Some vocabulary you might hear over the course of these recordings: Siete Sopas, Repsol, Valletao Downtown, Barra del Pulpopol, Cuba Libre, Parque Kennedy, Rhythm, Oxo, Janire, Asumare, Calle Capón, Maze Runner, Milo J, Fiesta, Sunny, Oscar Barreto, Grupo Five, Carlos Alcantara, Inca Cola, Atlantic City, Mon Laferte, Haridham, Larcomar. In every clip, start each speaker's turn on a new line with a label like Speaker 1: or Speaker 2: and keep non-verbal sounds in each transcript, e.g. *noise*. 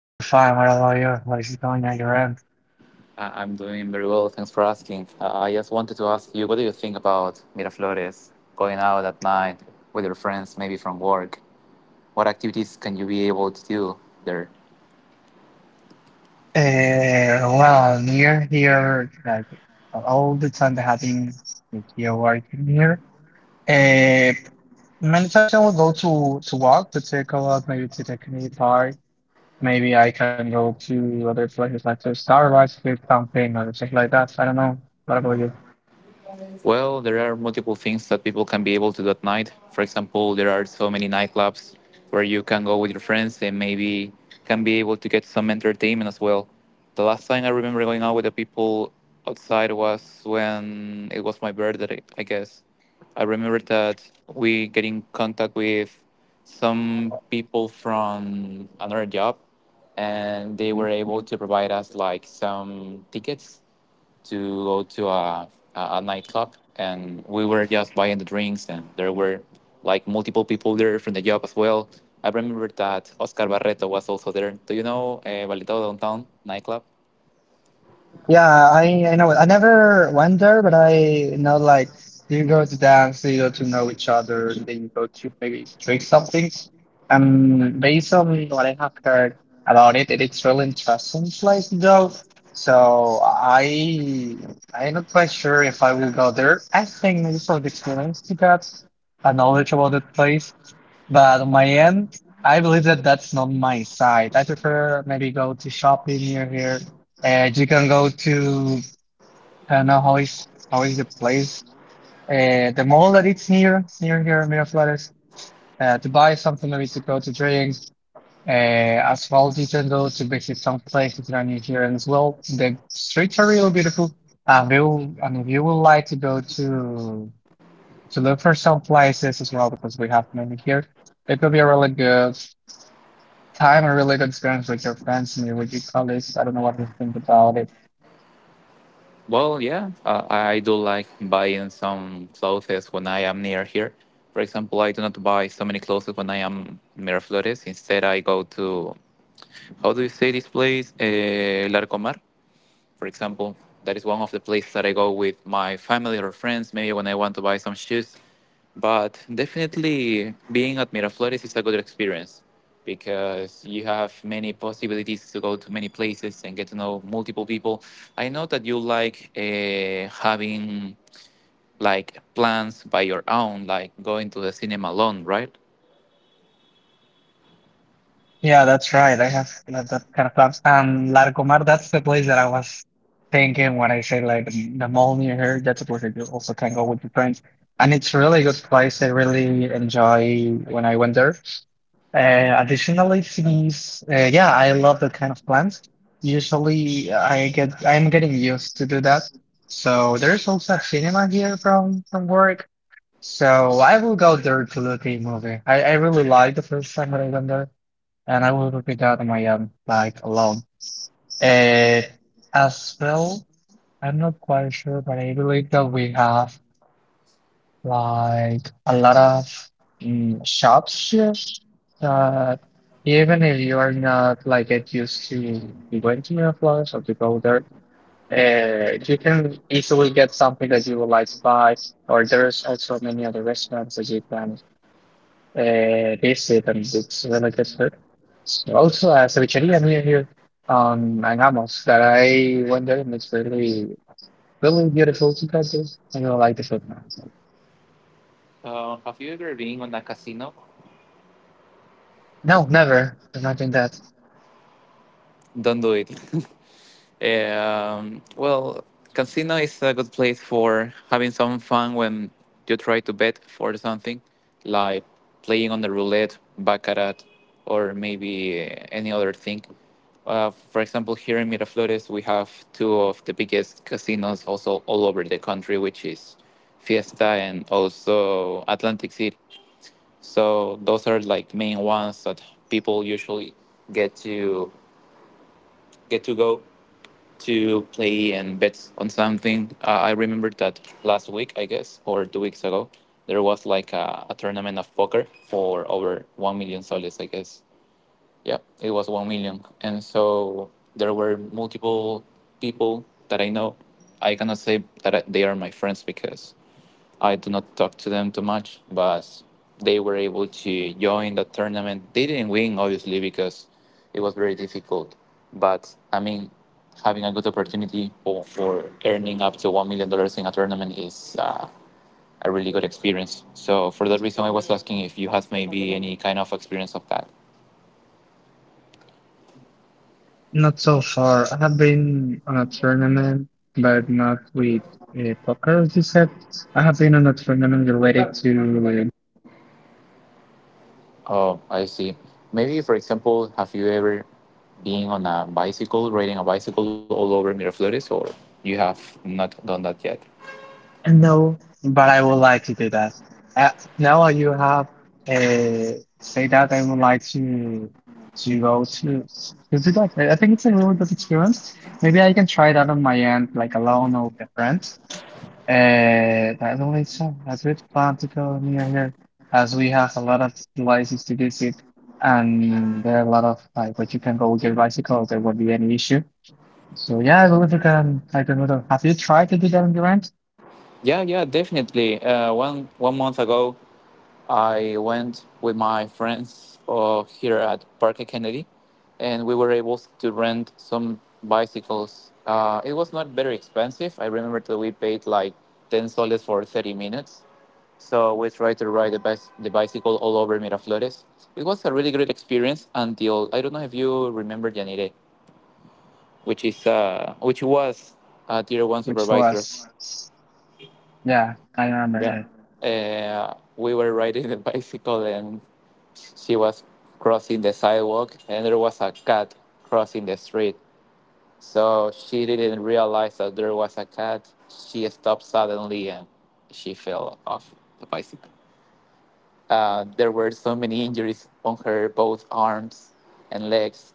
Speaker 1: I'm fine. What about you? How is it going on your end?
Speaker 2: I'm doing very well. Thanks for asking. I just wanted to ask you, what do you think about Miraflores going out at night with your friends, maybe from work? What activities can you be able to do there?
Speaker 1: Well, near here, like all the time that I've been, like, here working here. Uh, Many times I will go to walk to take a walk, maybe to the community park. Maybe I can go to other places like to Starbucks with something or something like that. I don't know. What about you?
Speaker 2: Well, there are multiple things that people can be able to do at night. For example, there are so many nightclubs where you can go with your friends and maybe can be able to get some entertainment as well. The last time I remember going out with the people outside was when it was my birthday, I guess. I remember that we get in contact with some people from another job and they were able to provide us like some tickets to go to a nightclub and we were just buying the drinks and there were like multiple people there from the job as well. I remember that Oscar Barreto was also there. Do you know Valletao Downtown nightclub?
Speaker 1: Yeah, I know. I never went, but I know, like, you go to dance, you go to know each other, and then you go to maybe drink something. Based on what I have heard about it, it's really interesting place though. So I'm not quite sure if I will go there. I think maybe for the experience to get a knowledge about the place. But on my end, I believe that that's not my side. I prefer maybe go to shopping near here, and you can go to, I don't know how is the place, the mall that it's near here Miraflores, to buy something, maybe to go to drink. Uh, as well, you can go to visit some places that are near here, and as well, the streets are really beautiful. We will, I mean, if you would like to go to look for some places as well, because we have many here. It will be a really good time, a really good experience with your friends and with your colleagues. I don't know what you think about it.
Speaker 2: Well, yeah, I do like buying some clothes when I am near here. For example, I do not buy so many clothes when I am in Miraflores. Instead, I go to, how do you say this place? Larcomar. For example. That is one of the places that I go with my family or friends, maybe when I want to buy some shoes. But definitely being at Miraflores is a good experience because you have many possibilities to go to many places and get to know multiple people. I know that you like having like plans by your own, like going to the cinema alone, right?
Speaker 1: Yeah, that's right. I have like, that kind of clubs. And Larcomar, that's the place that I was thinking when I say like the mall near here. That's a place that you also can go with your friends. And it's really good place. I really enjoy when I went there. Additionally, yeah, I love that kind of plants. Usually, I'm getting used to do that. So there's also a cinema here from work. So I will go there to look at a movie. I really liked the first time that I went there, and I will repeat that on my like alone. Uh, as well, I'm not quite sure, but I believe that we have like a lot of shops here that even if you are not like get used to going to Miraflores or to go there, you can easily get something that you would like to buy. Or there's also many other restaurants that you can taste it, and it's really good food. Also, a cevicheria near here in Ramos that I went there, and it's really, really beautiful to go to. I really like the food.
Speaker 2: Have you ever been on a casino?
Speaker 1: No, never. I've not been that.
Speaker 2: Don't do it. *laughs* Well, casino is a good place for having some fun when you try to bet for something, like playing on the roulette, baccarat, or maybe any other thing. For example, here in Miraflores, we have two of the biggest casinos also all over the country, which is Fiesta and also Atlantic City. So those are like main ones that people usually get to get to go to play and bet on something. I remember that last week, I guess, or 2 weeks ago, there was like a, tournament of poker for over 1 million soles, I guess. Yeah, it was 1 million. And so there were multiple people that I know. I cannot say that they are my friends because I do not talk to them too much, but they were able to join the tournament. They didn't win, obviously, because it was very difficult. But I mean, having a good opportunity for earning up to $1 million dollars in a tournament is a really good experience. So, for that reason, I was asking if you have maybe any kind of experience of that.
Speaker 1: Not so far. I have been on a tournament, but not with poker, as you said. I have been on a tournament related to
Speaker 2: Oh, I see. Maybe, for example, have you ever been on a bicycle, riding a bicycle all over Miraflores, or you have not done that yet?
Speaker 1: No, but I would like to do that. Uh, Now you have say that I would like to go to do that. I think it's a really good experience. Maybe I can try that on my end, like alone or with a friend. I don't think so. I good plan to go near here, as we have a lot of places to visit, and there are a lot of like where you can go with your bicycle. There won't be any issue. So yeah, I believe you can. I can do that. Have you tried to do that on your end?
Speaker 2: Yeah, yeah, definitely. One month ago, I went with my friends here at Parque Kennedy, and we were able to rent some bicycles. It was not very expensive. I remember that we paid like 10 soles for 30 minutes. So we tried to ride the bicycle all over Miraflores. It was a really great experience until I don't know if you remember Janire, which is which was a tier one
Speaker 1: Which
Speaker 2: supervisor.
Speaker 1: was yeah, I remember
Speaker 2: Yeah.
Speaker 1: her.
Speaker 2: We were riding the bicycle and she was crossing the sidewalk and there was a cat crossing the street. So she didn't realize that there was a cat. She stopped suddenly and she fell off the bicycle. There were so many injuries on her both arms and legs.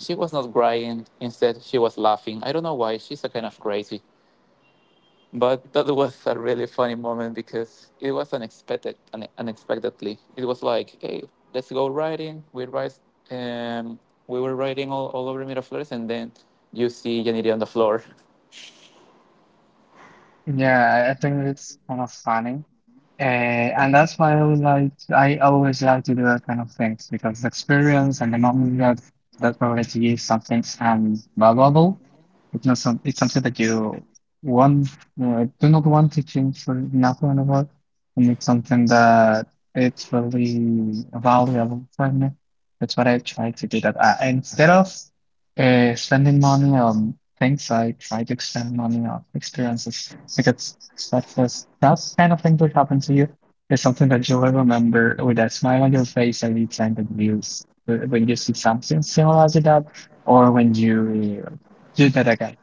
Speaker 2: She was not crying. Instead, she was laughing. I don't know why. She's a kind of crazy. But that was a really funny moment because it was unexpected, unexpectedly. It was like, hey, let's go riding. We ride, um, we were riding all over Miraflores, and then you see Janiri on the floor.
Speaker 1: Yeah, I think it's kind of funny. And that's why I always like to do that kind of things because the experience and the moment that that already is something valuable. It's not some, it's something that you want do not want to change for nothing about, and it's something that it's really valuable for me. That's what I try to do that. Instead of spending money on things, I try to spend money on experiences because that was that kind of thing that happened to you is something that you will remember with a smile on your face every time that you s- when you see something similar to that, or when you do that again.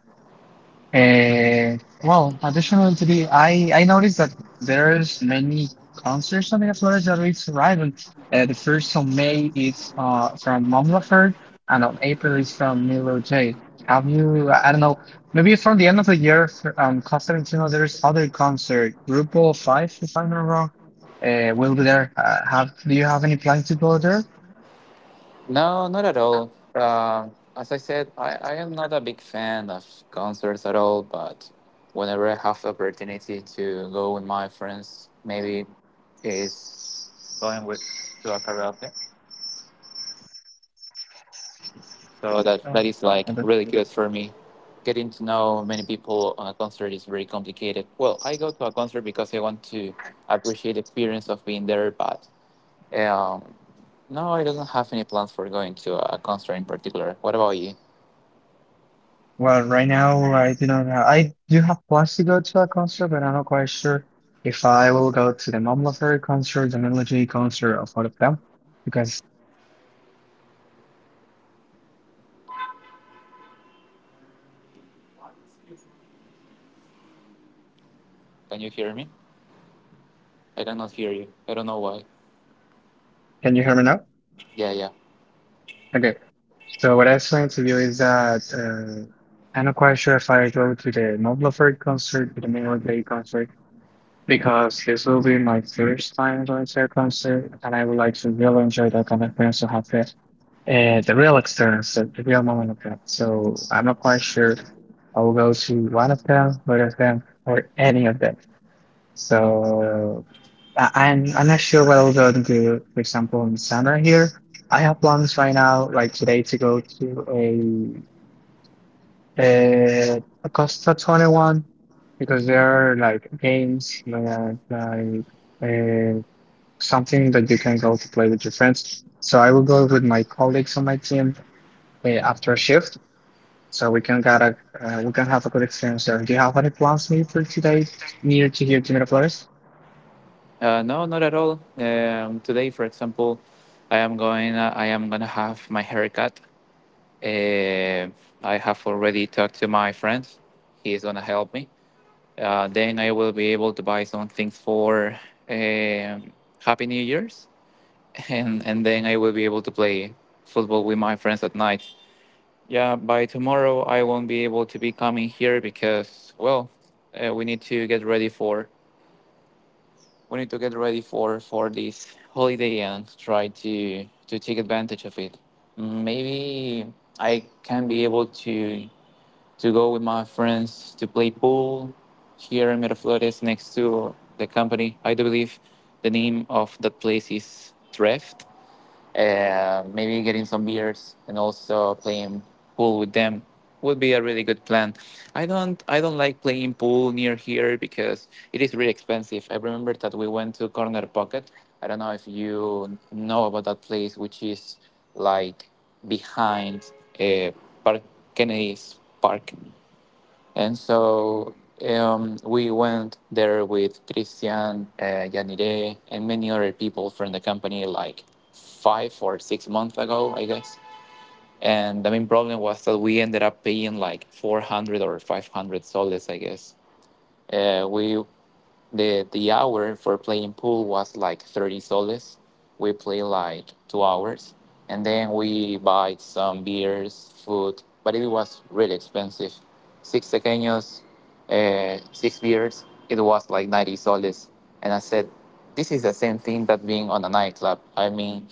Speaker 1: Uh, well, additional to the, I noticed that there's many concerts on in Florida that it's arriving. The first on May is from Mom Laferte, and on April is from Milo J. Have you? I don't know. Maybe from the end of the year, for, Costa Rica, there's other concert. Grupo Five, if I'm not wrong, will be there. Have Do you have any plans to go there?
Speaker 2: No, not at all. As I said, I am not a big fan of concerts at all, but whenever I have the opportunity to go with my friends, maybe is going with to a karaoke. So that is like
Speaker 1: Uh,
Speaker 2: really good for me. Getting to know many people on a concert is very complicated. Well, I go to a concert because I want to appreciate the experience of being there, but um, no, I don't have any plans for going to a concert in particular. What about you?
Speaker 1: Well, right now I do not have. I do have plans to go to a concert, but I'm not quite sure if I will go to the Mon Laferte concert, the Melody concert, or all of them. Because
Speaker 2: Can you hear me? I cannot hear you. I don't know why.
Speaker 1: can you hear me now?
Speaker 2: Yeah, yeah.
Speaker 1: Okay. So what I was saying to you is that I'm not quite sure if I go to the Mon Laferte concert, to the Melody concert, because this will be my first time going to a concert, and I would like to really enjoy that kind of experience to have it, the real experience, the real moment of that. So I'm not quite sure I will go to one of them, both of them, or any of them. So I'm not sure what I'll go to do. For example, in the summer here, I have plans right now, like today, to go to Acosta 21 because there are like games like, like uh, something that you can go to play with your friends. So I will go with my colleagues on my team after a shift, so we can get a we can have a good experience there. Do you have any plans maybe for today near to here to Miraflores?
Speaker 2: No, not at all. Today, for example, I am going. I am gonna have my haircut. Uh, I have already talked to my friend. He is gonna help me. Then I will be able to buy some things for um Happy New Year's, *laughs* and then I will be able to play football with my friends at night. Yeah, by tomorrow I won't be able to be coming here because well, we need to get ready for for this holiday and try to take advantage of it. Maybe I can be able to go with my friends to play pool here in Miraflores next to the company. I do believe the name of that place is Treft. Maybe getting some beers and also playing pool with them would be a really good plan. I don't like playing pool near here because it is really expensive. I remember that we went to Corner Pocket. I don't know if you know about that place, which is like behind uh, Park Kennedy's Park. And so we went there with Christian, Yanire, and many other people from the company like 5 or 6 months ago, I guess. And the main problem was that we ended up paying like 400 or 500 soles, I guess. We the hour for playing pool was like 30 soles. We play like 2 hours and then we buy some beers, food, but it was really expensive. Six pequeños, six beers, it was like 90 soles. And I said, this is the same thing that being on a nightclub. I mean,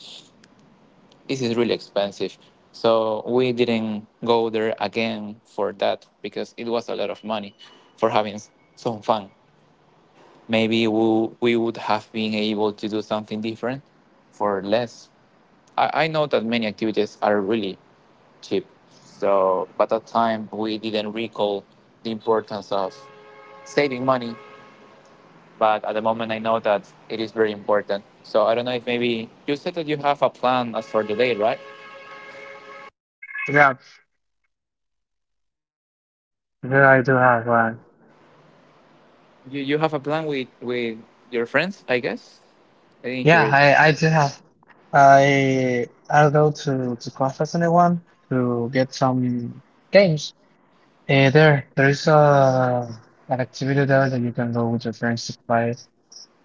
Speaker 2: this is really expensive. So we didn't go there again for that because it was a lot of money for having some fun. Maybe we would have been able to do something different for less. I know that many activities are really cheap. So, but at that time, we didn't recall the importance of saving money. But at the moment, I know that it is very important. So I don't know if maybe you said that you have a plan as for the day, right?
Speaker 1: Yeah, yeah, I do have one.
Speaker 2: You have a plan with your friends, I guess. I didn't hear
Speaker 1: Yeah,
Speaker 2: it.
Speaker 1: I do have. I'll go to Costa 21 to get some games. Hey there, there's an activity there that you can go with your friends to play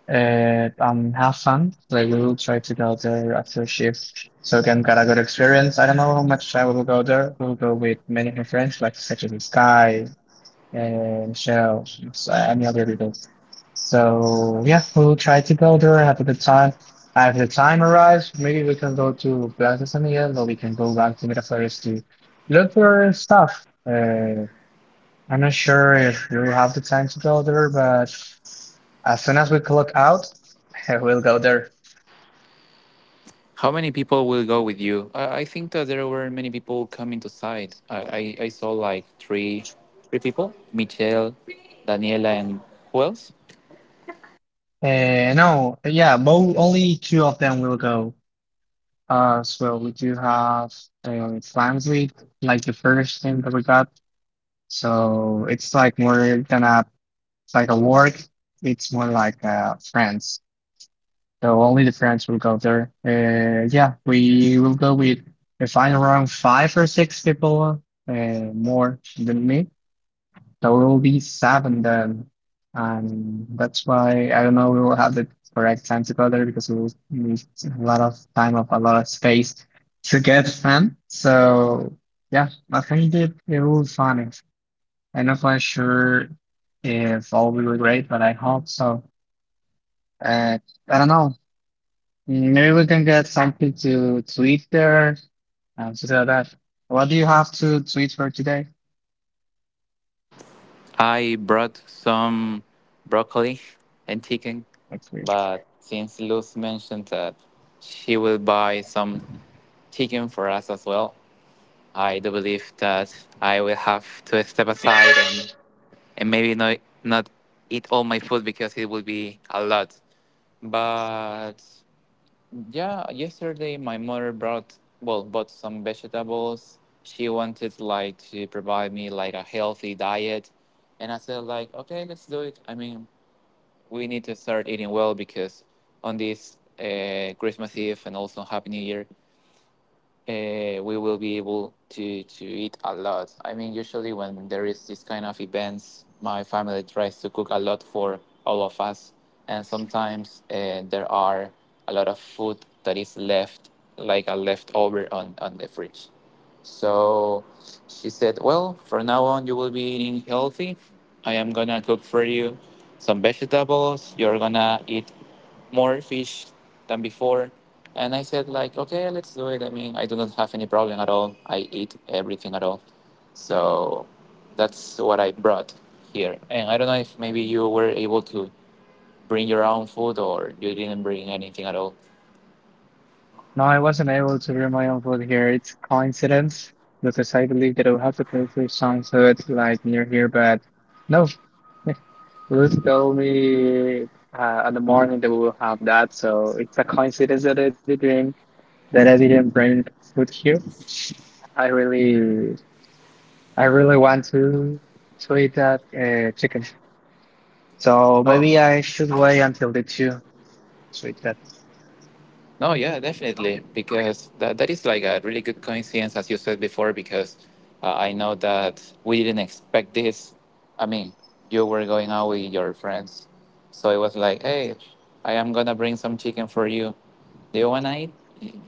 Speaker 1: and have fun. Like we will try to go there after shift, so we can get a good experience. I don't know how much I will go there. We'll go with many of my friends, like such as Sky and Shell so- and the other people. So yeah, we'll try to go there, have a good time. If the time arrives, maybe we can go to Plaza San Miguel, or we can go back to Miraflores to look for stuff. I'm not sure if we'll have the time to go there, but as soon as we clock out, *laughs* we'll go there.
Speaker 2: How many people will go with you? I think that there were many people coming to side. I saw like three people: Michelle, Daniela, and who else?
Speaker 1: No, yeah, but only two of them will go. So we do have plans with like the first thing that we got. So it's like more than a it's like a work. It's more like friends. So only the friends will go there. Yeah, we will go with if I around five or six people more than me. There will be seven then. And that's why I don't know we will have the correct time together because we will need a lot of time of a lot of space to get them. So yeah, I think it, it will be funny. I'm not quite sure if all will be great, but I hope so. Uh, I don't know. Maybe we can get something to tweet there and stuff like that. What do you have to tweet for today?
Speaker 2: I brought some broccoli and chicken,
Speaker 1: Let's see.
Speaker 2: but since Luz mentioned that she will buy some chicken for us as well, I do believe that I will have to step aside and maybe not eat all my food because it will be a lot. But yeah, yesterday my mother brought well bought some vegetables. She wanted like to provide me like a healthy diet, and I said like, okay, let's do it. I mean, we need to start eating well because on this Christmas Eve and also Happy New Year, we will be able to eat a lot. I mean, usually when there is this kind of events, my family tries to cook a lot for all of us, and sometimes there are a lot of food that is left, like a leftover on the fridge. So she said, well, from now on, you will be eating healthy. I am gonna cook for you some vegetables. You're gonna eat more fish than before. And I said, like, okay, let's do it. I mean, I do not have any problem at all. I eat everything at all. So that's what I brought here. And I don't know if maybe you were able to bring your own food or you didn't bring anything at all.
Speaker 1: No, I wasn't able to bring my own food here. It's coincidence because I believe that I'll have to pay for some food like near here, but no. *laughs* Lucy told me on the morning that we will have that, so it's a coincidence that I didn't bring food here. I really, I really want to eat that chicken. So
Speaker 2: Oh.
Speaker 1: maybe I should wait until the two to eat that.
Speaker 2: No, yeah, definitely,
Speaker 1: Oh
Speaker 2: because that is like a really good coincidence, as you said before, because I know that we didn't expect this. I mean, you were going out with your friends, so it was like, hey, I am gonna bring some chicken for you. Do you wanna eat?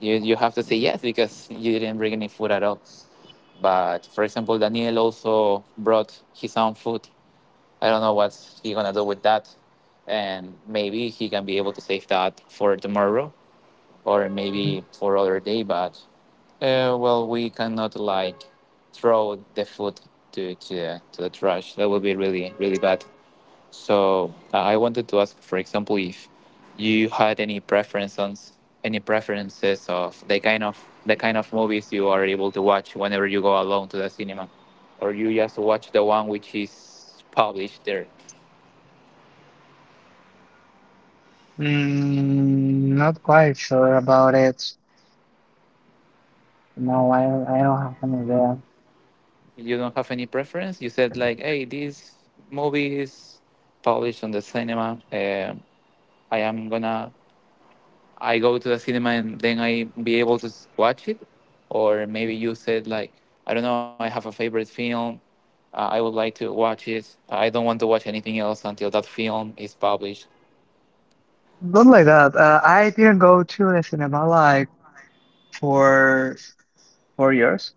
Speaker 2: You have to say yes because you didn't bring any food at all. But for example, Daniel also brought his own food. I don't know what he gonna do with that, and maybe he can be able to save that for tomorrow or
Speaker 1: yeah.
Speaker 2: maybe for other day, but well, we cannot like throw the food to the trash. That would be really bad. So I wanted to ask, for example, if you had any preferences of the kind of movies you are able to watch whenever you go alone to the cinema, or you just watch the one which is published there.
Speaker 1: Not quite sure about it. No, I don't have any idea.
Speaker 2: You don't have any preference. You said like, "Hey, this movie is published on the cinema. I am gonna, I go to the cinema and then I be able to watch it." Or maybe you said like, "I don't know. I have a favorite film. I would like to watch it. I don't want to watch anything else until that film is published."
Speaker 1: Not like that. I didn't go to the cinema like for 4 years,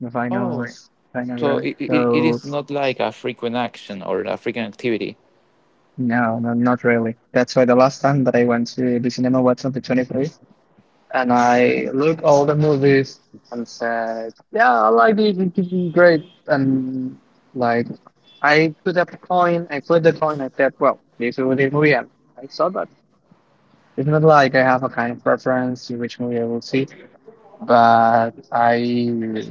Speaker 2: Oh,
Speaker 1: if I know
Speaker 2: so
Speaker 1: you.
Speaker 2: it
Speaker 1: So
Speaker 2: is not like a frequent action or a frequent activity.
Speaker 1: no, no, not really. That's why the last time that I went to the cinema was on the 23rd. And I looked all the movies and said, yeah, I like it. It could great. And like, I put up a coin. I put the coin. I said, well, this will be the movie. And I saw that. It's not like I have a kind of preference to which movie I will see, but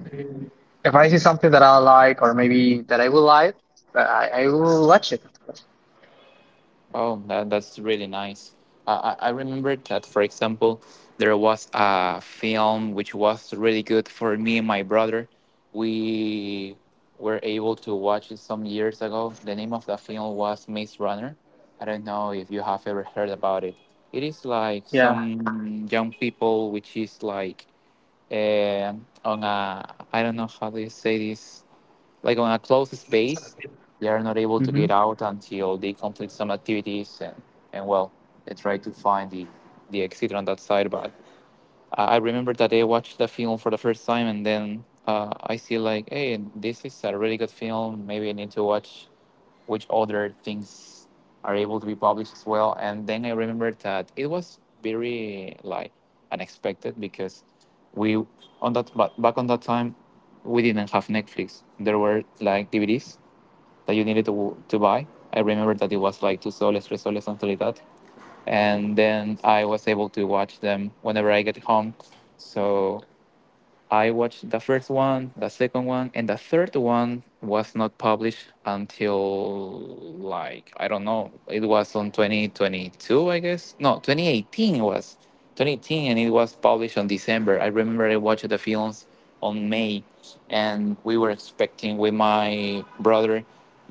Speaker 1: if I see something that I like or maybe that I will like, I will watch it.
Speaker 2: Oh, that's really nice. I remember that, for example, there was a film which was really good for me and my brother. We were able to watch it some years ago. The name of the film was Maze Runner. I don't know if you have ever heard about it. It is like some
Speaker 1: Yeah.
Speaker 2: young people, which is like eh, on a, I don't know how do you say this, like on a closed space. They are not able to
Speaker 1: Mm-hmm.
Speaker 2: get out until they complete some activities, and well, they try to find the exit on that side. But I remember that I watched the film for the first time, and then I see like, hey, this is a really good film. Maybe I need to watch which other things are able to be published as well. And then I remembered that it was very like unexpected because we on that but back on that time we didn't have Netflix. There were like DVDs that you needed to buy. I remember that it was like 2 soles, 3 soles, something like that, and then I was able to watch them whenever I get home. So I watched the first one, the second one, and the third one was not published until, like, I don't know. It was on 2022, I guess. No, 2018 it was. 2018, and it was published on December. I remember I watched the films on May, and we were expecting with my brother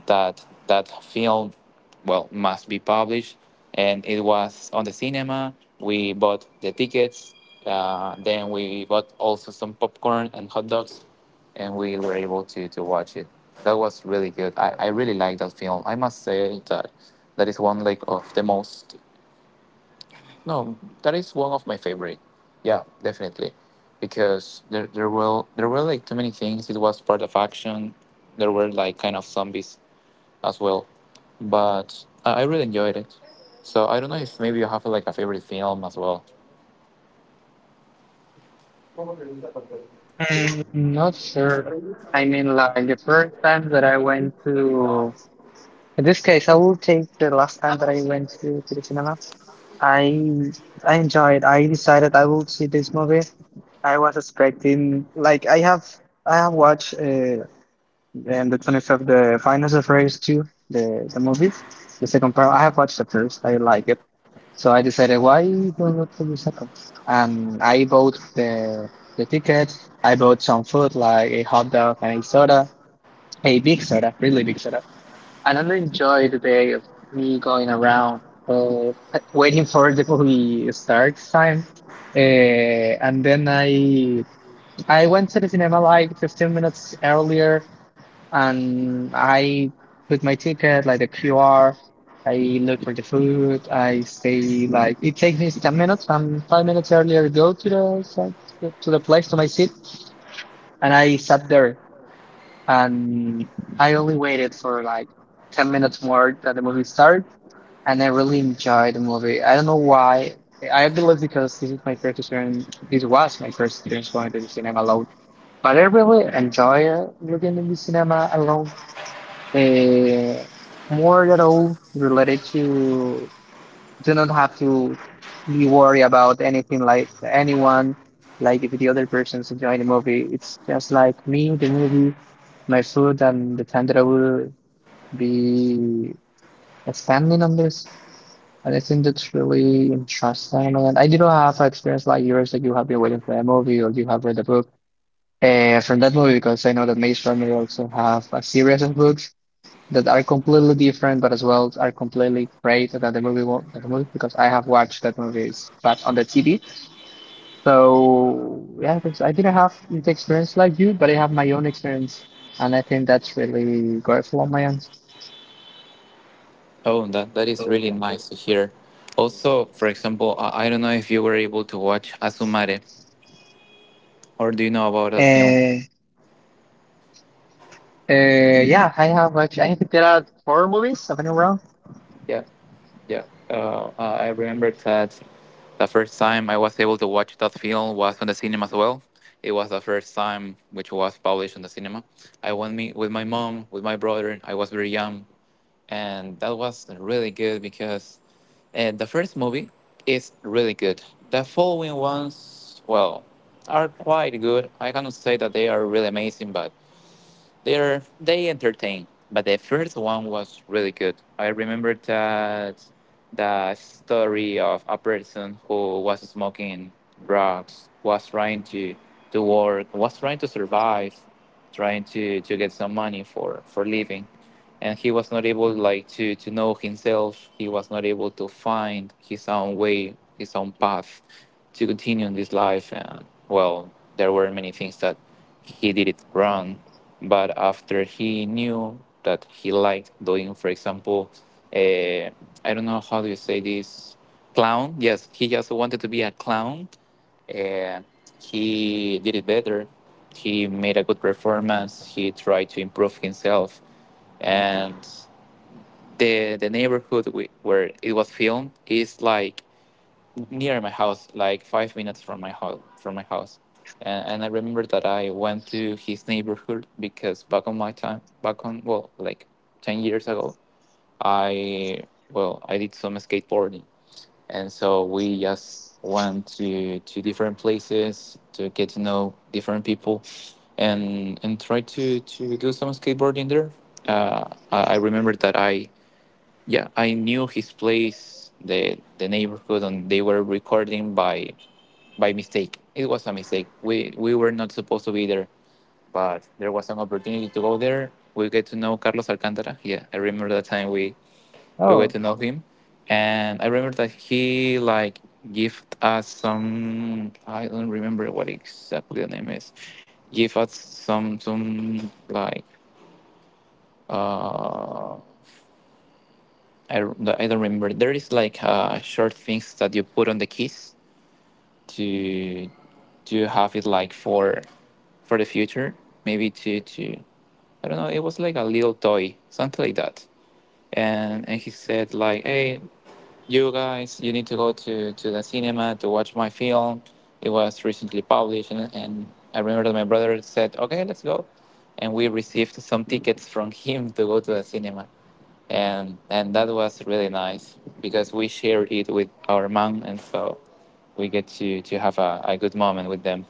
Speaker 2: that that film well must be published, and it was on the cinema. We bought the tickets, then we bought also some popcorn and hot dogs, and we were able to watch it. That was really good. I really like that film. I must say that that is one like of the most, no, that is one of my favorite. Yeah, definitely. Because there were like too many things. It was part of action. There were like kind of zombies as well. But I really enjoyed it. So I don't know if maybe you have like a favorite film as well.
Speaker 1: Not sure. I mean, like the first time that I went to In this case, I will take the last time that I went to the cinema. I I enjoyed. I decided I will see this movie. I was expecting like I have watched and the 25th the Finals of 2, the movie, the second part. I have watched the first. I like it. So I decided why don't look for the second? And I bought the ticket. I bought some food like a hot dog and a soda, a big soda, really big soda. I don't enjoy the day of me going around uh, waiting for the movie start time. Uh, and then I went to the cinema like 15 minutes earlier, and I put my ticket, like the QR. I look for the food. I stay like it takes me 10 minutes. I'm 5 minutes earlier go to the to the place to my seat, and I sat there, and I only waited for like 10 minutes more that the movie started. And I really enjoyed the movie. I don't know why. I believe because this is my first experience. This was my first experience going to the cinema alone. But I really enjoy looking in the cinema alone. Uh, More at all related to do not have to be worried about anything like anyone, like if the other person's enjoying the movie. It's just like me, the movie, my food, and the time that I will be spending on this. And I think that's really interesting. And I did not have experience like yours, like you have been waiting for a movie or you have read a book from that movie, because I know that Maze Runner also have a series of books that are completely different, but as well are completely great than the movie, than the movie, because I have watched that movies but on the TV. So yeah, because I didn't have the experience like you, but I have my own experience, and I think that's really grateful on my end.
Speaker 2: Oh, that is really nice to hear. Also, for example, I don't know if you were able to watch Asumare, or do you know about that film?
Speaker 1: Uh, yeah, I have watched. I think there are four movies, if I'm not wrong.
Speaker 2: Yeah, yeah. I remember that the first time I was able to watch that film was on the cinema as well. It was the first time which was published on the cinema. I went me with my mom, with my brother. I was very young, and that was really good because the first movie is really good. The following ones, well, are quite good. I cannot say that they are really amazing, but. They entertain, but the first one was really good. I remember that the story of a person who was smoking drugs, was trying to work, was trying to survive, trying to get some money for living, and he was not able like to know himself. He was not able to find his own way, his own path to continue in this life. And well, there were many things that he did it wrong. But after he knew that he liked doing, for example, uh, I don't know how do you say this, clown. Yes, he just wanted to be a clown. Uh, he did it better. He made a good performance. He tried to improve himself, and the neighborhood, where it was filmed, is like near my house, like 5 minutes from my house. And, I remember that I went to his neighborhood because back on my time, like 10 years ago, I well, I did some skateboarding, and so we just went to different places to get to know different people, and try to do some skateboarding there. I remember that I yeah, I knew his place, the neighborhood, and they were recording by mistake. It was a mistake. We were not supposed to be there, but there was an opportunity to go there. We get to know Carlos Alcantara. Yeah, I remember that time we got
Speaker 1: Oh,
Speaker 2: to know him. And I remember that he like give us some, I don't remember what exactly the name is, give us some like uh I don't remember. There is like short things that you put on the keys to to have it, like, for the future, maybe to, I don't know, it was like a little toy, something like that. And he said, like, hey, you guys, you need to go to the cinema to watch my film. It was recently published, and I remember that my brother said, okay, let's go. And we received some tickets from him to go to the cinema. And that was really nice because we shared it with our mom. And so we get to have a good moment with them.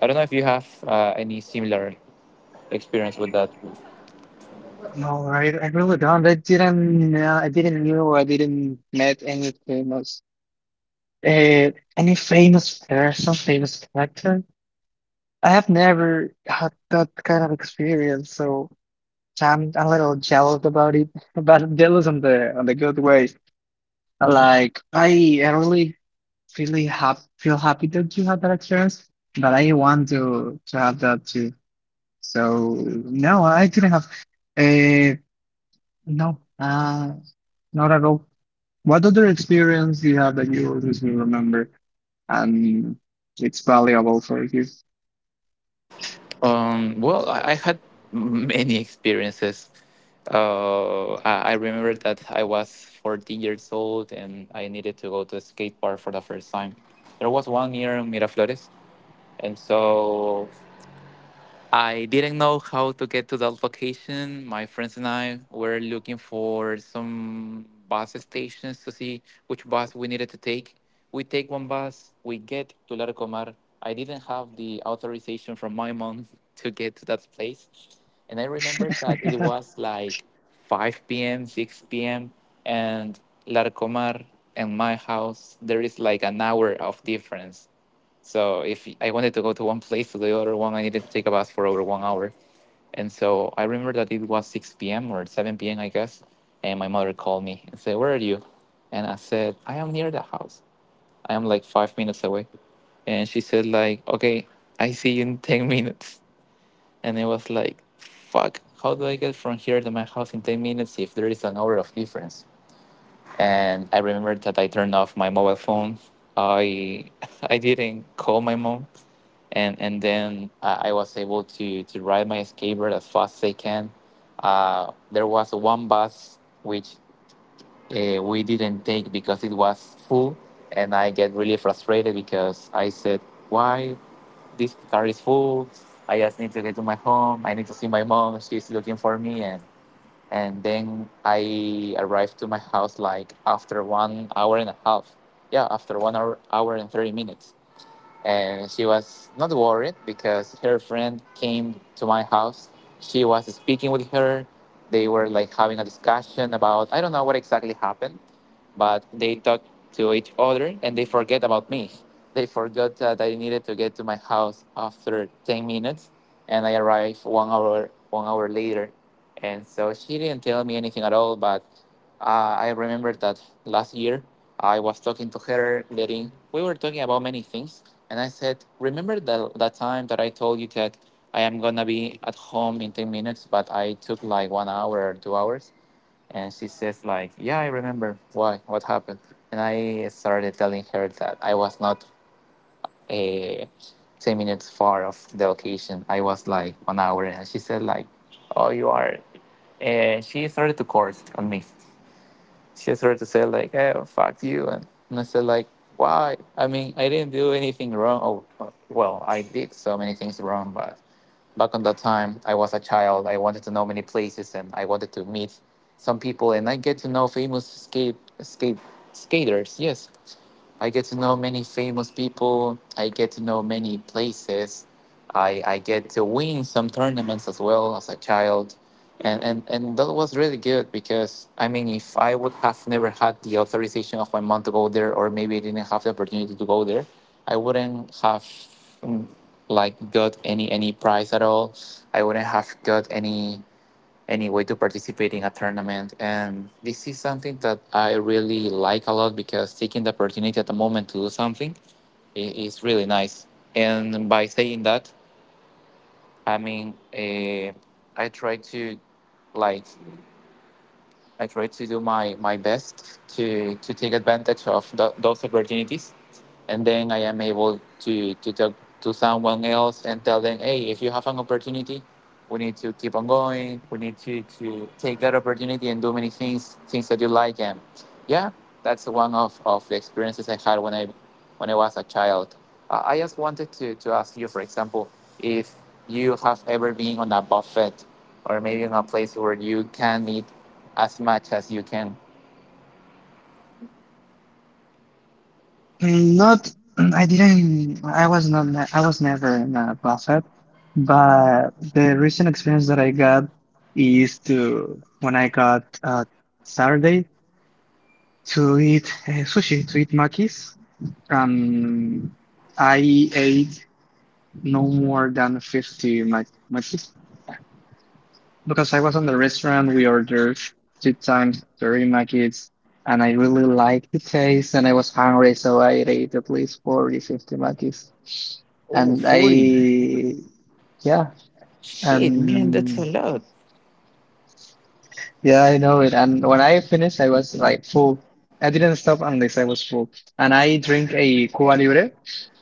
Speaker 2: I don't know if you have any similar experience with that.
Speaker 1: no, I really don't. I didn't knew I didn't met uh, any famous person, famous character. I have never had that kind of experience, so I'm a little jealous about it, *laughs* but jealous on the good way. Like I really really hap feel happy that you had that experience, but I want to have that too. So no, I didn't have. uh, No, not at all. What other experience do you have that you always will remember, and it's valuable for you?
Speaker 2: Well, I had many experiences. I remember that I was 14 years old and I needed to go to a skate park for the first time. There was one near Miraflores, and so I didn't know how to get to that location. My friends and I were looking for some bus stations to see which bus we needed to take. We take one bus, we get to Larcomar. I didn't have the authorization from my mom *laughs* to get to that place. And I remember that it
Speaker 1: *laughs*
Speaker 2: was like 5 p.m., 6 p.m., and Larcomar and my house, there is like an hour of difference. So if I wanted to go to one place to the other one, I needed to take a bus for over one hour. And so I remember that it was 6 p.m. or 7 p.m., I guess. And my mother called me and said, "Where are you?" And I said, "I am near the house. I am like 5 minutes away." And she said, like, "Okay, I see you in 10 *laughs* minutes." And I was like, fuck, how do I get from here to my house in 10 minutes if there is an hour of difference? And I remember that I turned off my mobile phone. I *laughs* I didn't call my mom, and then I was able to ride my skateboard as fast as I can. There was one bus which we didn't take because it was full, and I get really frustrated because I said, "Why this car is full? I just need to get to my home. I need to see my mom. She's looking for me." And then I arrived to my house like after one hour and a half. Yeah, after one hour, hour and 30 minutes, and she was not worried because her friend came to my house. She was speaking with her. They were like having a discussion about I don't know what exactly happened, but they talked to each other and they forget about me. They forgot that I needed to get to my house after 10 minutes, and I arrived one hour later, and so she didn't tell me anything at all, but. I remember that last year I was talking to her, letting we were talking about many things, and I said, "Remember that that time that I told you that I am gonna be at home in 10 minutes, but I took like one hour or 2 hours?" And she says, "Like, yeah, I remember. Why? "What happened?" And I started telling her that I was not a 10 minutes far of the occasion. I was like one hour, and she said, "Like, oh, you are." And she started to course on me. She started to say like, "Hey, well, fuck you," and I said like, "Why? I mean, I didn't do anything wrong. Oh, well, I did so many things wrong, but back on that time, I was a child. I wanted to know many places, and I wanted to meet some people, and I get to know famous skate skaters. Yes, I get to know many famous people. I get to know many places. I get to win some tournaments as well as a child. And that was really good because, I mean, if I would have never had the authorization of my mom to go there, or maybe I didn't have the opportunity to go there, I wouldn't have mm, like got any prize at all. I wouldn't have got any way to participate in a tournament. And this is something that I really like a lot because taking the opportunity at the moment to do something i- is really nice. And by saying that, I mean, I try to like I try to do my best to take advantage of those opportunities. And then I am able to talk to someone else and tell them, hey, if you have an opportunity, we need to keep on going. We need to take that opportunity and do many things that you like and, yeah, that's one of the experiences I had when I was a child. I just wanted to ask you, for example, if you have ever been on a buffet or maybe in a place where you can eat as much as you can.
Speaker 1: Not, I didn't, I was never in a buffet, but the recent experience that I got is to, when I got Saturday to eat sushi, to eat makis. Um, I ate no more than 50 makis. Because I was on the restaurant, we ordered two times terimaki, and I really liked the taste, and I was hungry, so I ate at least 40, 50 makis.
Speaker 2: Oh,
Speaker 1: And
Speaker 2: 40!
Speaker 1: I, yeah,
Speaker 2: Shit, man,
Speaker 1: and
Speaker 2: that's a lot.
Speaker 1: yeah, I know it. And when I finished, I was like full. I didn't stop unless I was full. And I drink a Cuba Libre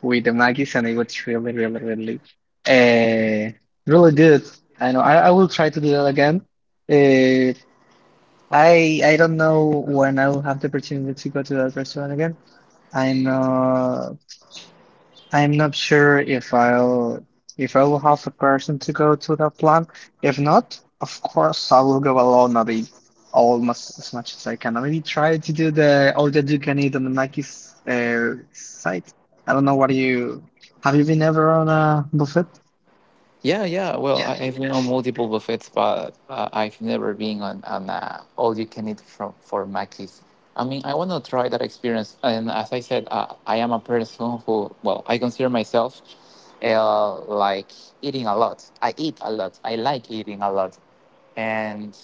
Speaker 1: with the makis, and it was really, really, really, uh, really good. I know I will try to do that again. Uh, I don't know when I will have the opportunity to go to that restaurant again. I'm not I'm not sure if I will have a person to go to that plan. If not, of course I will go alone. I'll eat almost as much as I can. I maybe try to do the all that you can eat on the Mackey's site. I don't know what you have you been ever on a buffet?
Speaker 2: Yeah, yeah. Well, I've been on multiple buffets, but I've never been on an all you can eat from for Mackey's. I mean, I want to try that experience. And as I said, I am a person who, well, I consider myself like eating a lot. I eat a lot. I like eating a lot. And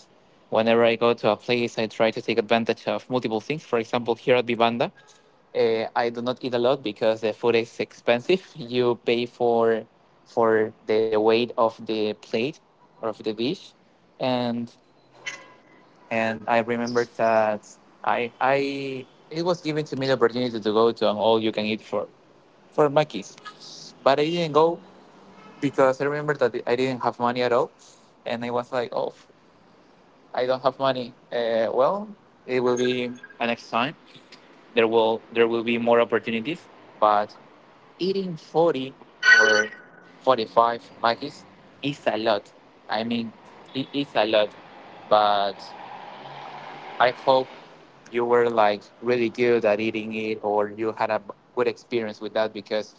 Speaker 2: whenever I go to a place, I try to take advantage of multiple things. For example, here at Vivanda. I do not eat a lot because the food is expensive. *laughs* You pay for the weight of the plate or of the dish, and and I remember that I it was given to me the opportunity to go to an all you can eat for Mackey's, but I didn't go because I remember that I didn't have money at all, and I was like, oh, I don't have money. Well, it will be next time. There will be more opportunities, but eating 40 or 45 Maggie's is a lot. I mean, it is a lot. But I hope you were like really good at eating it or you had a good experience with that because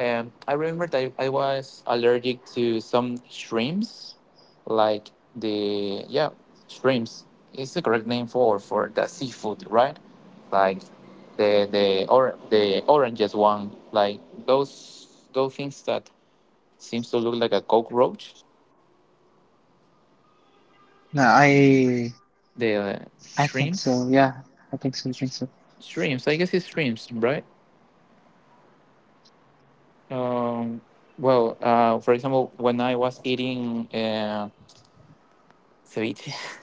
Speaker 2: I remember that I was allergic to some shrimps, like yeah, shrimps is the correct name for the seafood, right? Like or the oranges one, like those, those things that seems to look like a cockroach,
Speaker 1: No,
Speaker 2: the
Speaker 1: I think
Speaker 2: shrimps,
Speaker 1: so. Yeah, I think so. I think so.
Speaker 2: shrimps, I guess it's shrimps, right? Um, well, for example, when I was eating ceviche, *laughs*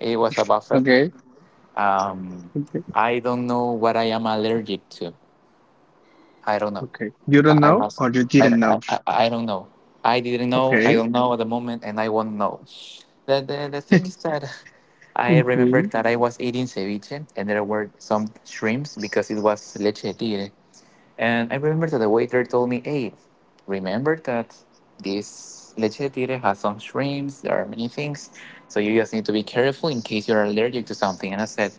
Speaker 2: it was a buffet.
Speaker 1: Okay.
Speaker 2: Um,
Speaker 1: okay.
Speaker 2: I don't know what I am allergic to. I don't know.
Speaker 1: Okay. You don't
Speaker 2: I
Speaker 1: know
Speaker 2: must.
Speaker 1: or you
Speaker 2: I,
Speaker 1: didn't
Speaker 2: I,
Speaker 1: know.
Speaker 2: I I don't know. I didn't know. I
Speaker 1: Okay.
Speaker 2: don't know at the moment, and I won't know. The thing is that *laughs* I
Speaker 1: Okay.
Speaker 2: remembered that I was eating ceviche, and there were some shrimps because it was leche de tigre. And I remember that the waiter told me, hey, remember that this leche de tigre has some shrimps, there are many things. So you just need to be careful in case you're allergic to something. And I said,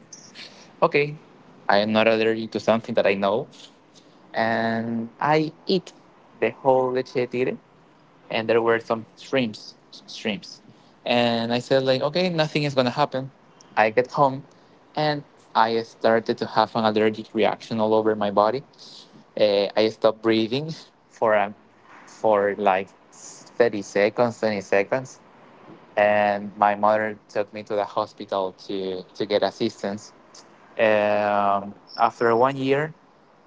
Speaker 2: okay, I am not allergic to something that I know. And I eat the whole leche de tigre and there were some shrimps. And I said like, okay, nothing is gonna happen. I get home and I started to have an allergic reaction all over my body. I stopped breathing for um, for like 30 seconds, 20 seconds, and my mother took me to the hospital to get assistance. After one year,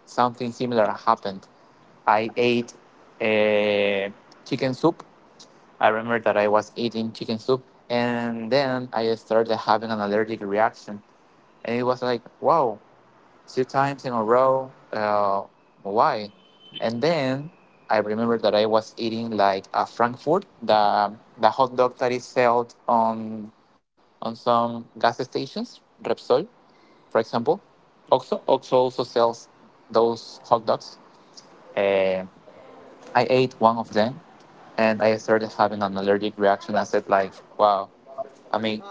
Speaker 2: something similar happened. I ate uh, chicken soup. I remember that I was eating chicken soup, and then I started having an allergic reaction, and it was like, wow, two times in a row. Why? And then I remember that I was eating like a Frankfurt, the hot dog that is sold on some gas stations, Repsol, for example. Oxo also sells those hot dogs. Uh, I ate one of them, and I started having an allergic reaction. I said like, wow. I mean,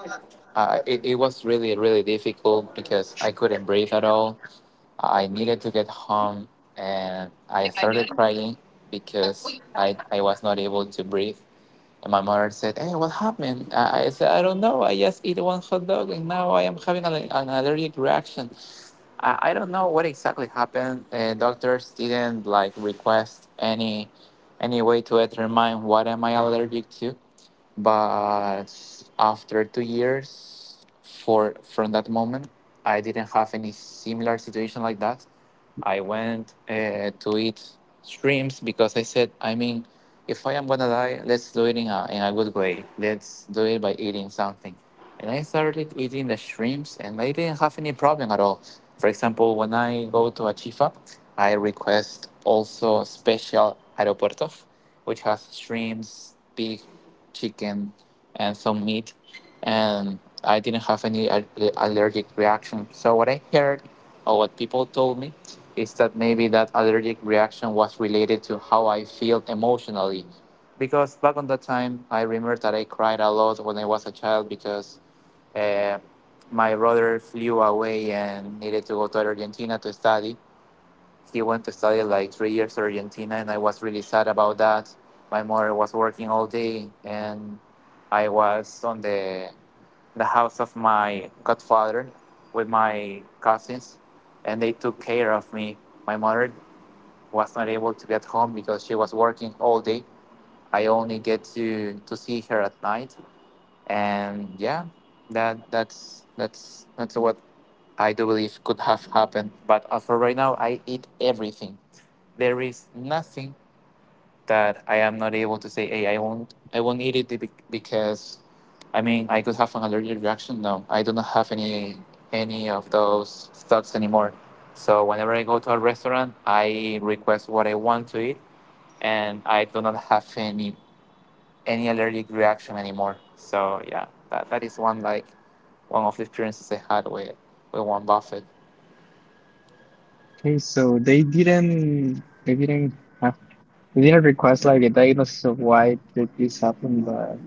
Speaker 2: it was really really difficult because I couldn't breathe at all. I needed to get home and I started crying because I was not able to breathe. And my mother said, "Hey, what happened?" I said, "I don't know. I just eat one hot dog and now I am having an allergic reaction." I don't know what exactly happened. Doctors didn't like request any way to determine what am I allergic to. But after 2 years for from that moment, I didn't have any similar situation like that. I went to eat streams because I said, I mean, if I am gonna die, let's do it in a good way. Let's do it by eating something. And I started eating the shrimps, and I didn't have any problem at all. For example, when I go to a chifa, I request also special aeropuertos, which has shrimps, pig, chicken, and some meat. And I didn't have any allergic reaction. So what I heard or what people told me is that maybe that allergic reaction was related to how I felt emotionally. Because back on that time, I remember that I cried a lot when I was a child because uh, my brother flew away and needed to go to Argentina to study. He went to study like 3 years to Argentina, and I was really sad about that. My mother was working all day, and I was on the house of my godfather with my cousins, and they took care of me. My mother was not able to be at home because she was working all day. I only get to see her at night, and yeah, that's what I do believe could have happened. But as for right now, I eat everything. There is nothing that I am not able to say, "Hey, I won't eat it because, I mean, I could have an allergic reaction." No, I do not have any of those thoughts anymore. So whenever I go to a restaurant, I request what I want to eat, and I do not have any allergic reaction anymore. So yeah, that is one of the experiences I had with Warren Buffett.
Speaker 1: Okay, so they didn't request like a diagnosis of why did this happen,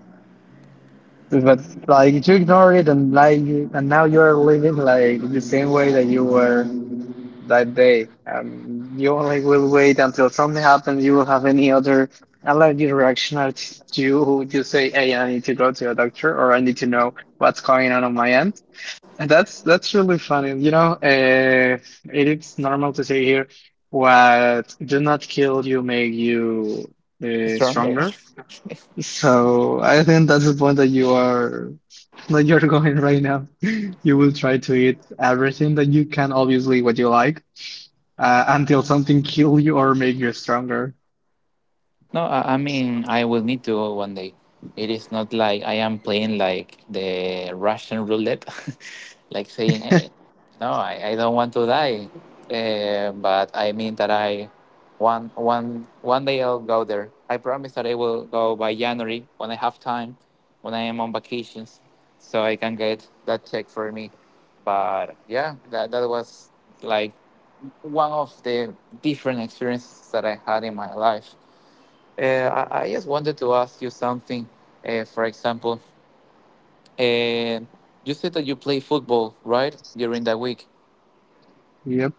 Speaker 1: but like you ignore it, and like you and now you're living like the same way that you were that day. You only will wait until something happens, you will have any other unless reaction are you you say, Hey, I need to go to a doctor or I need to know what's going on my end. That's really funny. You know, it is normal to say here, what do not kill you make you
Speaker 2: Stronger.
Speaker 1: stronger.
Speaker 2: *laughs*
Speaker 1: So I think that's the point that you are that you're *laughs* going right now. You will try to eat everything that you can, obviously what you like, until something kill you or make you stronger.
Speaker 2: No, I mean, I will need to go one day. It is not like I am playing like the Russian roulette, *laughs* like saying, hey, no, I don't want to die. But I mean that I one day I'll go there. I promise that I will go by January when I have time, when I am on vacations, so I can get that check for me. But yeah, that was like one of the different experiences that I had in my life. I just wanted to ask you something. For example, uh, you said that you play football, right? During the week.
Speaker 1: Yep.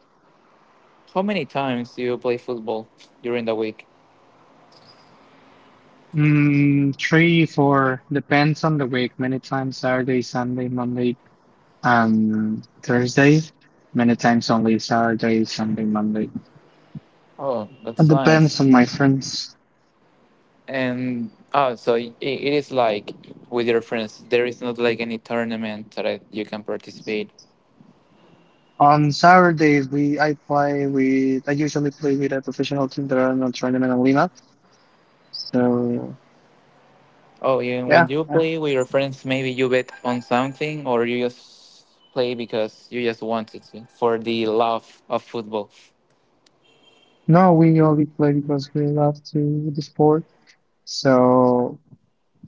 Speaker 2: How many times do you play football during the week?
Speaker 1: Mm, three, four, depends on the week. Many times Saturday, Sunday, Monday, and Thursday, many times only Saturday, Sunday, Monday.
Speaker 2: Oh,
Speaker 1: It
Speaker 2: that's
Speaker 1: depends
Speaker 2: nice.
Speaker 1: on my friends.
Speaker 2: And oh, so I it is like with your friends. There is not like any tournament that you can participate.
Speaker 1: On Saturdays, we I play with I usually play with a professional team that are not tournament in Lima. So
Speaker 2: Oh, yeah. When
Speaker 1: yeah,
Speaker 2: you play with your friends, maybe you bet on something, or you just play because you just wanted to for the love of football.
Speaker 1: no, we only play because we love to the sport. So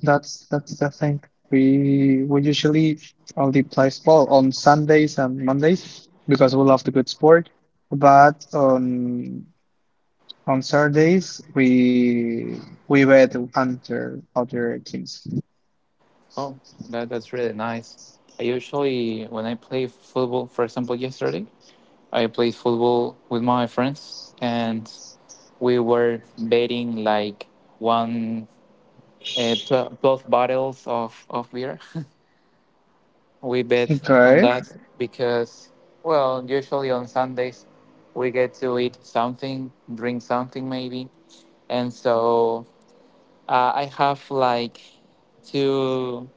Speaker 1: that's the thing. We usually only play well on Sundays and Mondays because we love the good sport. But on Saturdays, we bet under other teams.
Speaker 2: Oh, that's really nice. I usually, when I play football, for example, yesterday, I played football with my friends and we were betting like one, 12, twelve bottles of beer. *laughs* We bet on
Speaker 1: Okay,
Speaker 2: that because, well, usually on Sundays, we get to eat something, drink something maybe. And so I have like two.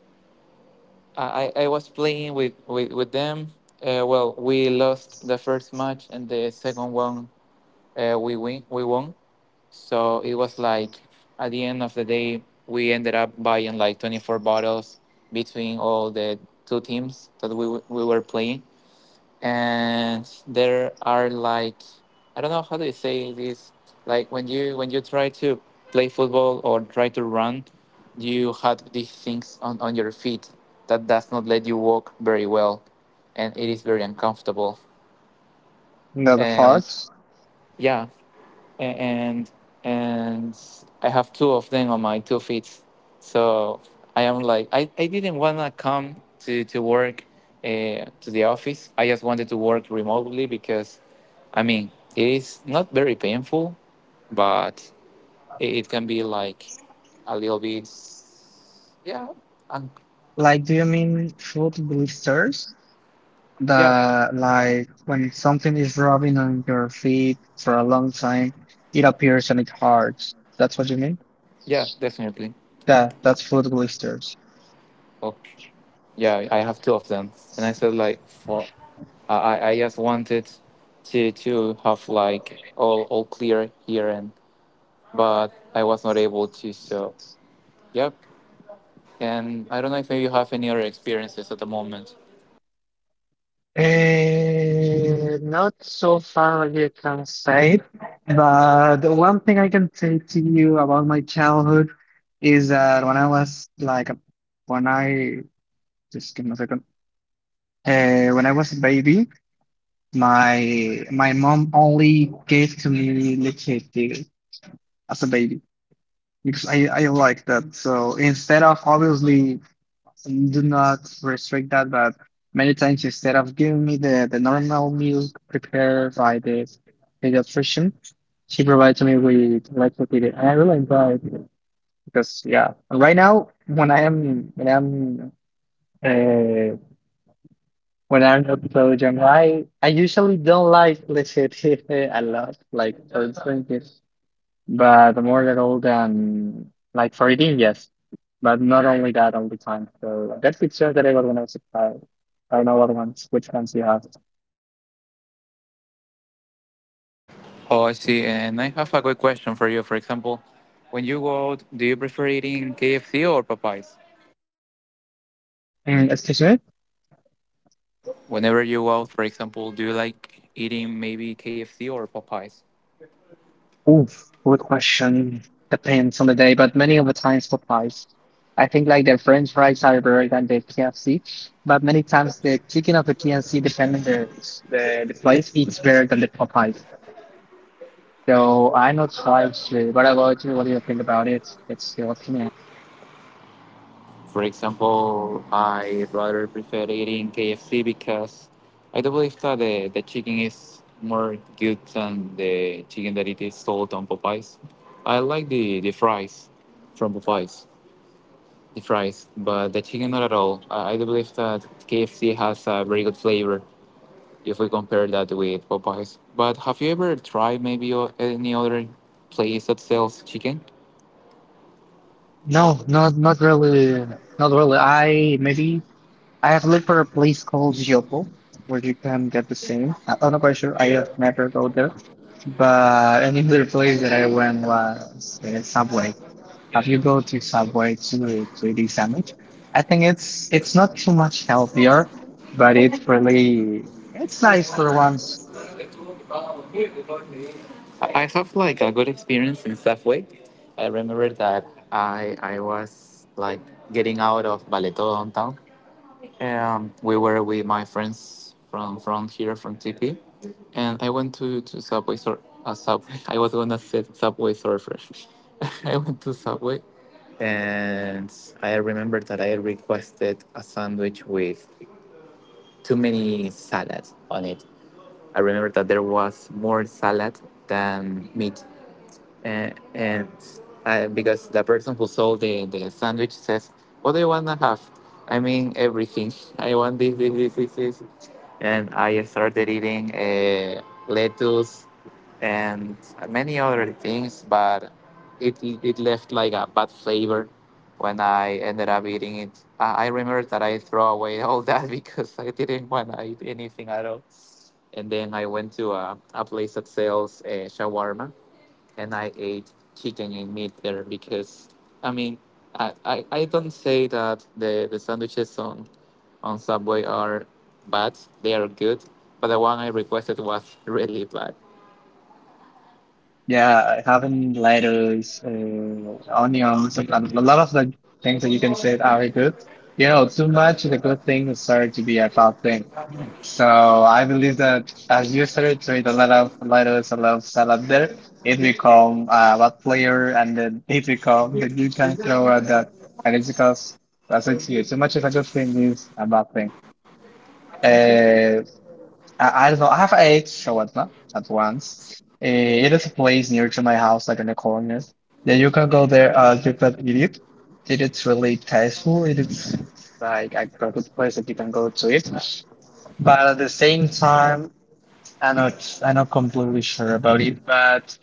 Speaker 2: I was playing with them. Well, we lost the first match and the second one. We won. So it was like at the end of the day we ended up buying like 24 bottles between all the two teams that we were playing, and there are like I don't know how do you say this, like when you try to play football or try to run, you have these things on your feet that does not let you walk very well, and it is very uncomfortable
Speaker 1: not
Speaker 2: and
Speaker 1: hard.
Speaker 2: yeah, and and I have two of them on my two feet. So I am like I didn't wanna come to work to the office. I just wanted to work remotely because I mean it is not very painful, but it can be like a little bit, yeah, um,
Speaker 1: Like, do you mean foot blisters?
Speaker 2: yeah,
Speaker 1: The like when something is rubbing on your feet for a long time, it appears and it hurts. That's what you mean?
Speaker 2: yeah, definitely.
Speaker 1: Yeah, that's foot blisters.
Speaker 2: Okay. Yeah, I have two of them, and I said like for I just wanted to have like all clear here, and but I was not able to. So yep. And I don't know if you have any other experiences at the moment.
Speaker 1: Not so far as you can say, but the one thing I can say to you about my childhood is that when I was like, a, when I just give me a second, when I was a baby, my mom only gave to me leche tigre as a baby because I like that. So instead of obviously do not restrict that, but many times instead of giving me the normal milk prepared by the pediatrician, she provides me with lactated, and I really enjoy it, because yeah, right now when I am uh, when I'm not so young, I usually don't like lactated *laughs* a lot. Like for instance, but I'm more little than like for eating, yes. But not only that all the time. So that picture that I got when I was gonna supply. I don't know which ones you have.
Speaker 2: Oh, I see. And I have a quick question for you. For example, when you go out, do you prefer eating KFC or Popeyes?
Speaker 1: Mm, excuse me?
Speaker 2: Whenever you go out, for example, do you like eating maybe KFC or Popeyes?
Speaker 1: Oof, good question. Depends on the day, but many of the times for fries. I think like their French fries are better than the KFC, but many times the chicken of the KFC, depending the place, it's better than the Popeyes. So I'm not sure. actually. What about you? What do you think about it? What's your opinion?
Speaker 2: For example, I rather prefer eating KFC because I do believe that the chicken is more good than the chicken that it is sold on Popeyes. I like the fries from Popeyes, the fries, but the chicken not at all. I do believe that KFC has a very good flavor if we compare that with Popeyes. But have you ever tried maybe any other place that sells chicken?
Speaker 1: No, not really, not really. I maybe I have looked for a place called Giopo where you can get the same. I'm not quite sure. I have never go there. But another place that I went was Subway. If you go to Subway to the sandwich, I think it's not too much healthier, but it's really it's nice for once.
Speaker 2: I have like a good experience in Safeway. I remember that I was like getting out of Baleto downtown. We were with my friends from here from TP, and I went to Subway sur Subway. *laughs* I was gonna say Subway Surfer. *laughs* I went to Subway, and I remember that I requested a sandwich with too many salads on it. I remember that there was more salad than meat and I, because the person who sold the sandwich says, "What do you want to have?" I mean, everything. *laughs* I want this, this, this, this, this. And I started eating lettuce and many other things, but it left like a bad flavor when I ended up eating it. I remember that I throw away all that *laughs* because I didn't want to eat anything at all. And then I went to a place that sells shawarma, and I ate chicken and meat there because I mean, I don't say that the sandwiches on Subway are bad. They are good, but the one I requested was *laughs* really bad.
Speaker 1: Yeah, having lettuce, onions, and a lot of the things that you can say are really good. You know, too much is a good thing is started to be a bad thing. So I believe that as you started to eat a lot of lettuce, a lot of salad there, it become a bad player, and then it become that you can throw at that. And it's because that's it to you. Too much is a good thing is a bad thing. Uh, I don't know. I have eight shawarma at once. It is a place near to my house, like in the corner. Then you can go there. You can eat it. It is really tasteful. It is like a good place that you can go to it. But at the same time, I'm not completely sure about it. But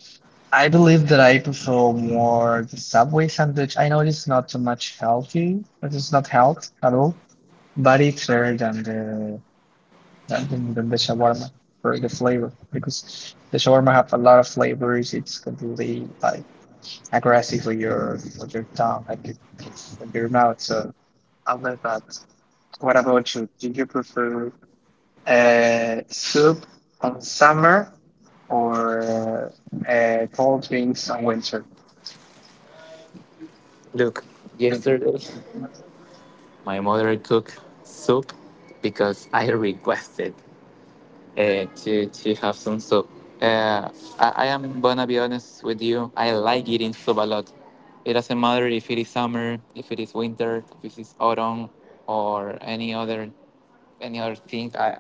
Speaker 1: I believe that I prefer more the Subway sandwich. I know it's not too much healthy. It is not health at all. But it's better than the than the shawarma for the flavor, because the shawarma have a lot of flavors. It's completely like aggressive with your tongue and your, with your mouth. So I love that. What about you? Do you prefer soup on summer or cold drinks on winter?
Speaker 2: Look, yesterday my mother cooked soup because I *laughs* requested to have some soup. Uh, I am gonna be honest with you. I like eating soup a lot. It doesn't matter if it is summer, if it is winter, if it is autumn, or any other thing.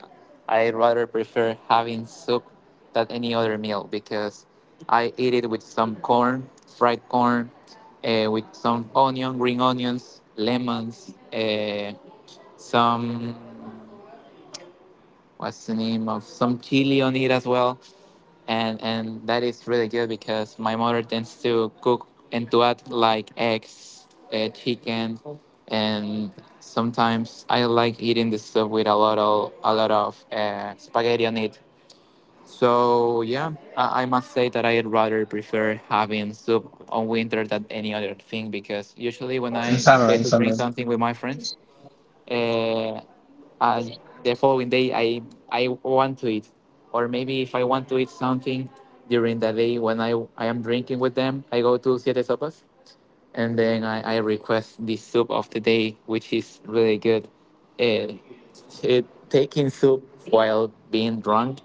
Speaker 2: I rather prefer having soup than any other meal because I eat it with some corn, fried corn, with some onion, green onions, lemons. Some, what's the name of, some chili on it as well, and that is really good because my mother tends to cook and to add like eggs, chicken, and sometimes I like eating this stuff with a lot of spaghetti on it. So yeah, I must say that I rather prefer having soup on winter than any other thing, because usually when
Speaker 1: In
Speaker 2: I
Speaker 1: summer,
Speaker 2: get
Speaker 1: in
Speaker 2: to drink
Speaker 1: summer.
Speaker 2: something with my friends uh, and the following day I want to eat, or maybe if I want to eat something during the day when I am drinking with them, I go to Siete Sopas, and then I request the soup of the day, which is really good. Eh, it, taking soup while being drunk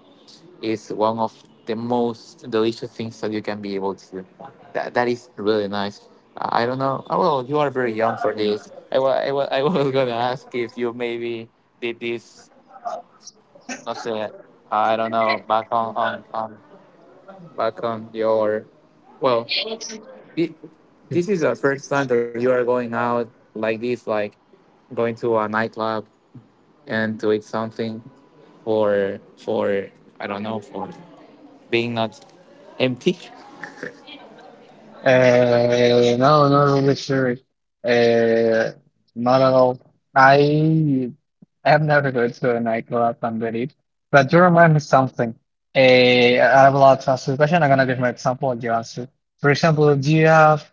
Speaker 2: is one of the most delicious things that you can be able to do. That is really nice. I don't know. Oh, well, you are very young for this. I was *laughs* gonna ask if you maybe did this, that's, I don't know. Back on, back on your. Well, thi- this is the first time that you are going out like this, like going to a nightclub and to eat something for, I don't know, for being not empty.
Speaker 1: No, not really sure. Uh, not at all. I I have never go to a nightclub and did it. But you remind me something. I have a lot to ask you a question. I'm gonna give my example and you answer. For example, do you have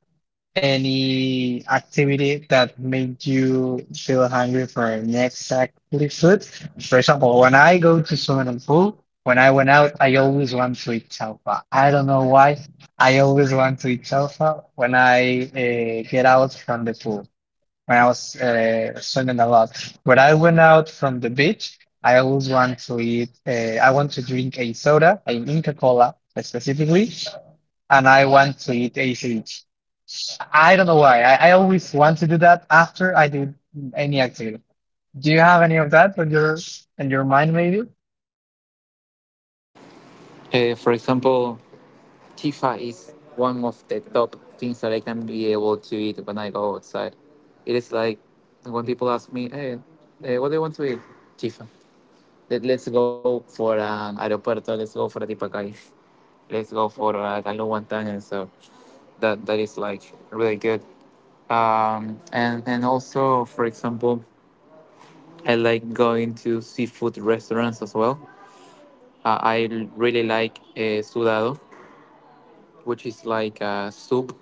Speaker 1: any activity that made you feel hungry for an exactly food? For example, when I go to swimming pool, when I went out, I always want to eat chalfa. I don't know why. I always want to eat chalfa when I get out from the pool. When I was swimming a lot, when I went out from the beach, I always want to eat. I want to drink a soda, a Inca Cola specifically, and I want to eat ACH. I don't know why. I always want to do that after I do any activity. Do you have any of that on your in your mind maybe?
Speaker 2: For example, Tifa is one of the top things that I can be able to eat when I go outside. It is like when people ask me, "Hey, eh, what do you want to eat?" Tifa. Let's go for Aeropuerto, let's go for Dipakais, let's go for Galo Guantanamo. So that is like really good. And also, for example, I like going to seafood restaurants as well. Really like sudado, which is like a soup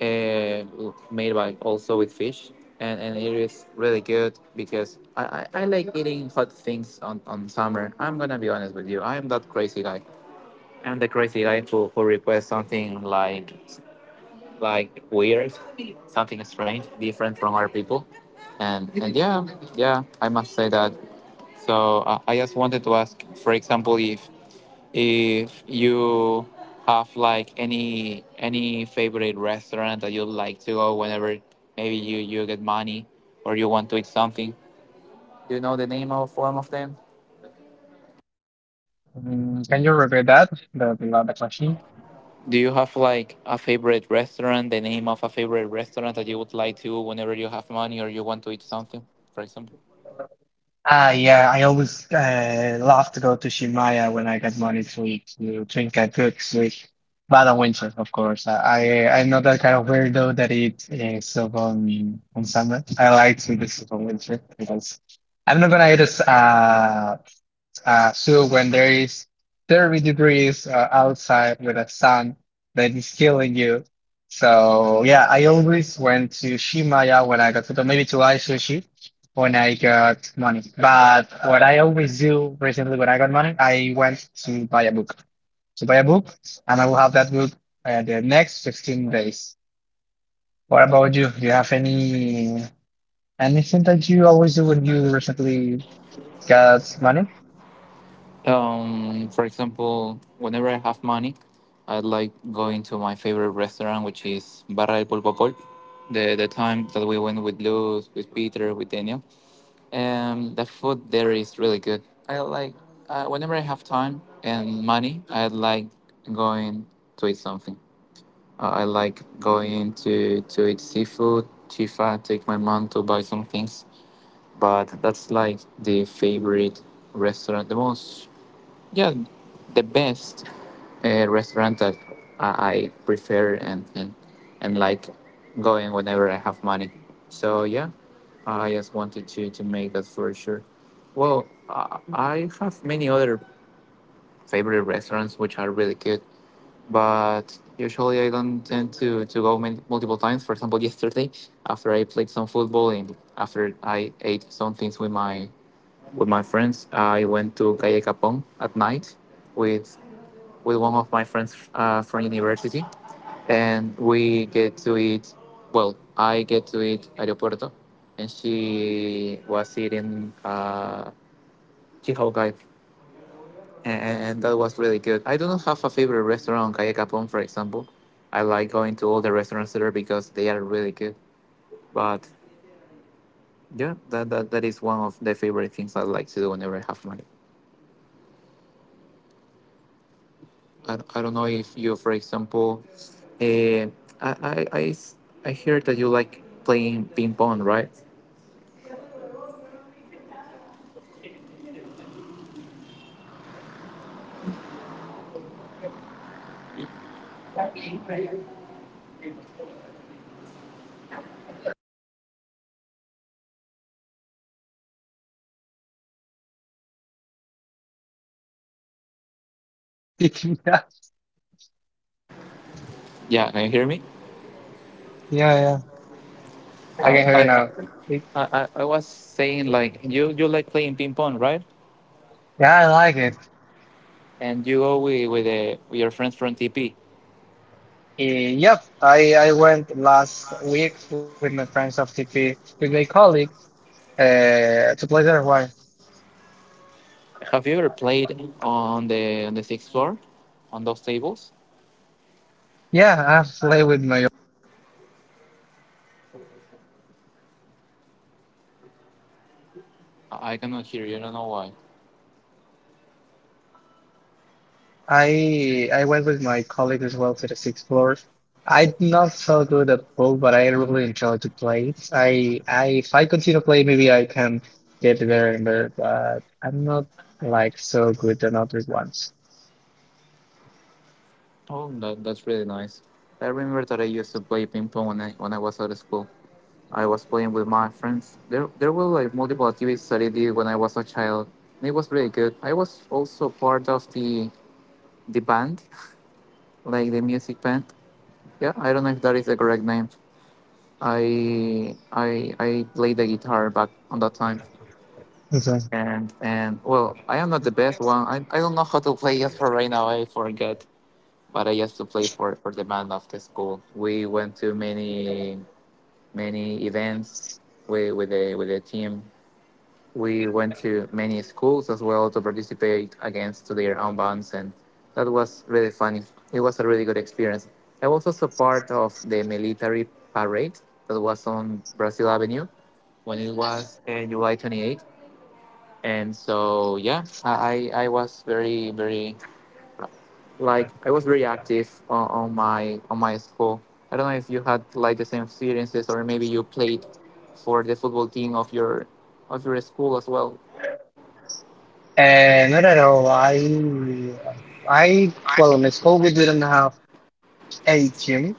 Speaker 2: uh, made by also with fish. And It is really good because I like eating hot things on summer. I'm gonna be honest with you. I'm that crazy guy. I'm the crazy guy who requests something like weird, something strange, different from other people, and yeah, yeah, I must say that. So I just wanted to ask, for example, if you have like any favorite restaurant that you like to go whenever maybe you get money or you want to eat something. Do you know the name of one of them?
Speaker 1: Mm, can you repeat that? The question.
Speaker 2: Do you have like a favorite restaurant, the name of a favorite restaurant that you would like to, whenever you have money or you want to eat something, for example?
Speaker 1: Ah, yeah. I always love to go to Shimaya when I get money to eat, to drink a good sleep. But on winter, of course. I'm not that kind of weirdo that eats soup on summer. I like to eat soup on winter because I'm not gonna eat a so when there is 30 degrees outside with a sun that is killing you. So yeah, I always went to Shimaya when I got to maybe to Aishoshi when I got money. But what I always do recently when I got money, I went to buy a book. To buy a book, and I will have that book the next 15 days. What about you? Do you have any anything that you always do when you recently got money?
Speaker 2: For example, whenever I have money, I like going to my favorite restaurant, which is Barra del Pulpopol. The time that we went with Luz, with Peter, with Daniel, the food there is really good. I like whenever I have time and money, I like going to eat something. I like going to eat seafood. If I take my mom to buy some things, but that's like the favorite restaurant, the most, yeah, the best restaurant that I prefer, and like going whenever I have money. So yeah, I just wanted to make that for sure. Well, I have many other favorite restaurants which are really good, but usually I don't tend to go many, multiple times. For example, *laughs* yesterday after I played some football and after I ate some things with my friends, I went to Calle Capón at night with one of my friends from university, and we get to eat. Well, I get to eat aeropuerto, and she was eating chihogai, and that was really good. I do not have a favorite restaurant on Calle Capon, for example. I like going to all the restaurants there because they are really good. But yeah, that is one of the favorite things I like to do whenever I have money. I don't know if you, for example, uh, I, I, I s- I hear that you like playing ping pong, right? Yeah, can you hear me?
Speaker 1: Yeah, yeah. I
Speaker 2: Uh,
Speaker 1: can hear
Speaker 2: I,
Speaker 1: you
Speaker 2: I,
Speaker 1: now. It-
Speaker 2: I was saying like you like playing ping pong, right?
Speaker 1: Yeah, I like it.
Speaker 2: And you go with your friends from TP.
Speaker 1: Eh, yep, I went last week with my friends of TP with my colleague to play there. Why?
Speaker 2: Have you ever played on the sixth floor, on those tables?
Speaker 1: Yeah, I've played with my.
Speaker 2: I cannot hear you. I don't know why.
Speaker 1: I went with my colleague as well to the sixth floor. I'm not so good at pool, but I really enjoy to play it. I if I continue to play, maybe I can get there and there, but I'm not like so good than other ones.
Speaker 2: Oh, that's really nice. I remember that I used to play ping pong when I was at school. I was playing with my friends. There were like multiple activities that I did when I was a child. And it was really good. I was also part of the band, like the music band. Yeah, I don't know if that is the correct name. I played the guitar back on that time.
Speaker 1: Exactly.
Speaker 2: And well, I am not the best one. I don't know how to play just for right now. I forgot, but I used to play for the man of the school. We went to many events with the team. We went to many schools as well to participate against to their own bands, and that was really funny. It was a really good experience. I was also part of the military parade that was on Brazil Avenue when it was July 28, and so yeah, I was very like, I was very active on my school. I don't know if you had like the same experiences, or maybe you played for the football team of your school as well.
Speaker 1: And not at all. I, well, in school we didn't have a team,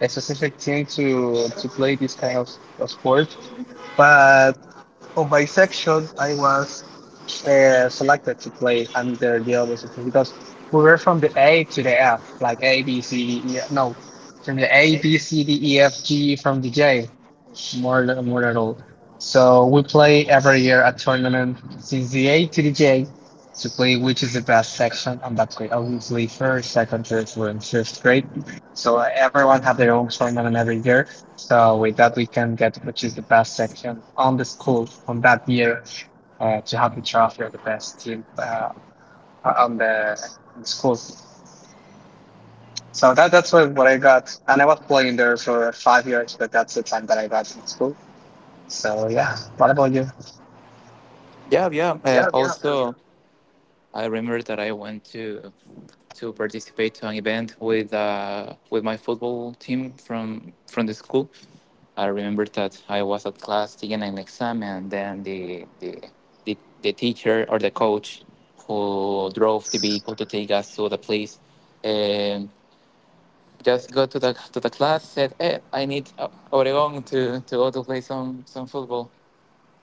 Speaker 1: a specific team to play this kind of sport. But oh, by section, I was selected to play under the other section because we were from the A to the F, like A, B, C, D, E. F- No, from the A, B, C, D, E, F, G, from the J, more than all. So we play every year a tournament since the A to the J to play which is the best section, and that's great. Obviously, first, second, third, fourth, we're fifth grade, so everyone have their own tournament every year. So with that, we can get which is the best section on the school from that year to have the trophy of the best team on the school. So that's what I got, and I was playing there for 5 years, but that's the time that I got in school. So yeah, what about you?
Speaker 2: Yeah, yeah,
Speaker 1: Yeah, yeah.
Speaker 2: also I remember that I went to participate to an event with my football team from the school. I remember that I was at class taking an exam, and then the teacher, or the coach who drove the vehicle to take us to the place, um, just go to the class, said, "Hey, I need Oregon to go to play some football,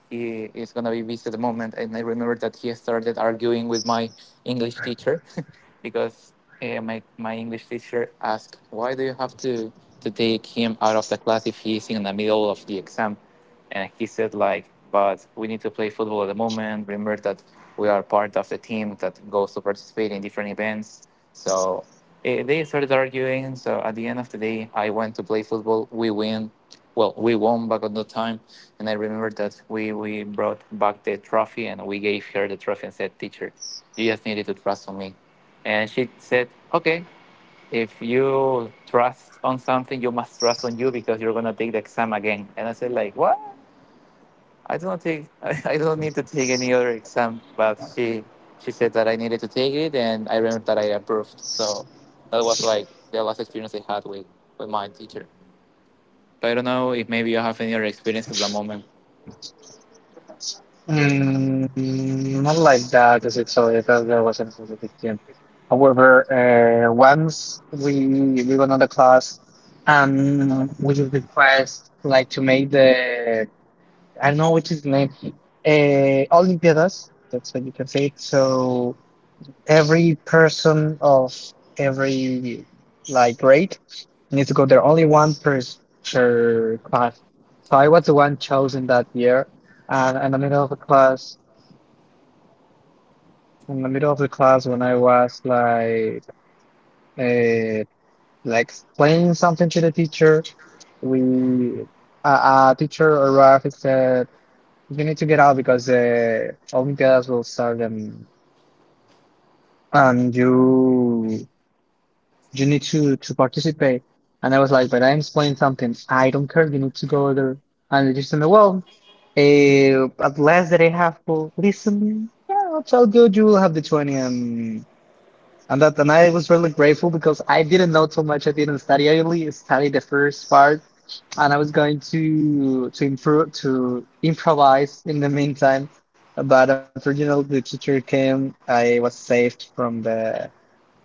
Speaker 2: he is gonna be busy at the moment." And I remember that he started arguing with my English teacher *laughs* because my English teacher asked, "Why do you have to take him out of the class if he is in the middle of the exam?" And he said, "Like, but we need to play football at the moment. Remember that we are part of the team that goes to participate in different events. So eh, they started arguing." So at the end of the day, I went to play football. We win Well, we won back on the time, and I remember that we brought back the trophy and we gave her the trophy and said, "Teacher, you just needed to trust on me," and she said, "Okay, if you trust on something, you must trust on you because you're gonna take the exam again." And I said, "Like what? I don't take, *laughs* I don't need to take any other exam." But she said that I needed to take it, and I remember that I approved. So that was like the last experience I had with my teacher. But I don't know if maybe you have any other experience at the moment.
Speaker 1: Mm, not like that, as I told because there wasn't a big gym. However, once we went on the class and we just request like to make the I don't know which is the name, Olimpiadas. That's what you can say. It. So every person of every like grade needs to go there. Only one per s- per class. So I was the one chosen that year, and in the middle of the class, in the middle of the class, when I was uh, like explaining something to the teacher, we a teacher arrived and said, "You need to get out because the Olympiads will start and you." You need to participate. And I was like, but I'm explaining something. I don't care. You need to go there. And they just said, well, at last that I have to listen, yeah, I'll tell you, you will have the 20. And that, and I was really grateful because I didn't know so much. I didn't study. I only studied the first part and I was going to improve to improvise in the meantime. But unfortunately, the teacher came. I was saved from the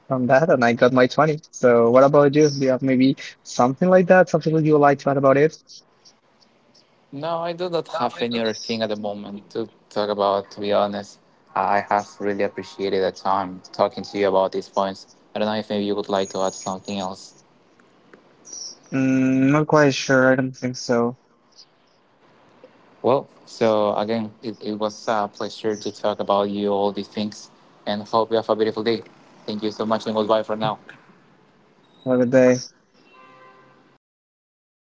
Speaker 1: from that and I got my 20. So what about you? Do you have maybe something like that? Something that you would like to add about it?
Speaker 2: No, I do not have any other thing at the moment to talk about, to be honest. I have really appreciated the time talking to you about these points. I don't know if maybe you would like to add something else.
Speaker 1: Mm, not quite sure. I don't think so.
Speaker 2: Well, so again, it was a pleasure to talk about you all these things, and hope you have a beautiful day. Thank you so much and goodbye for now.
Speaker 1: Have a good day.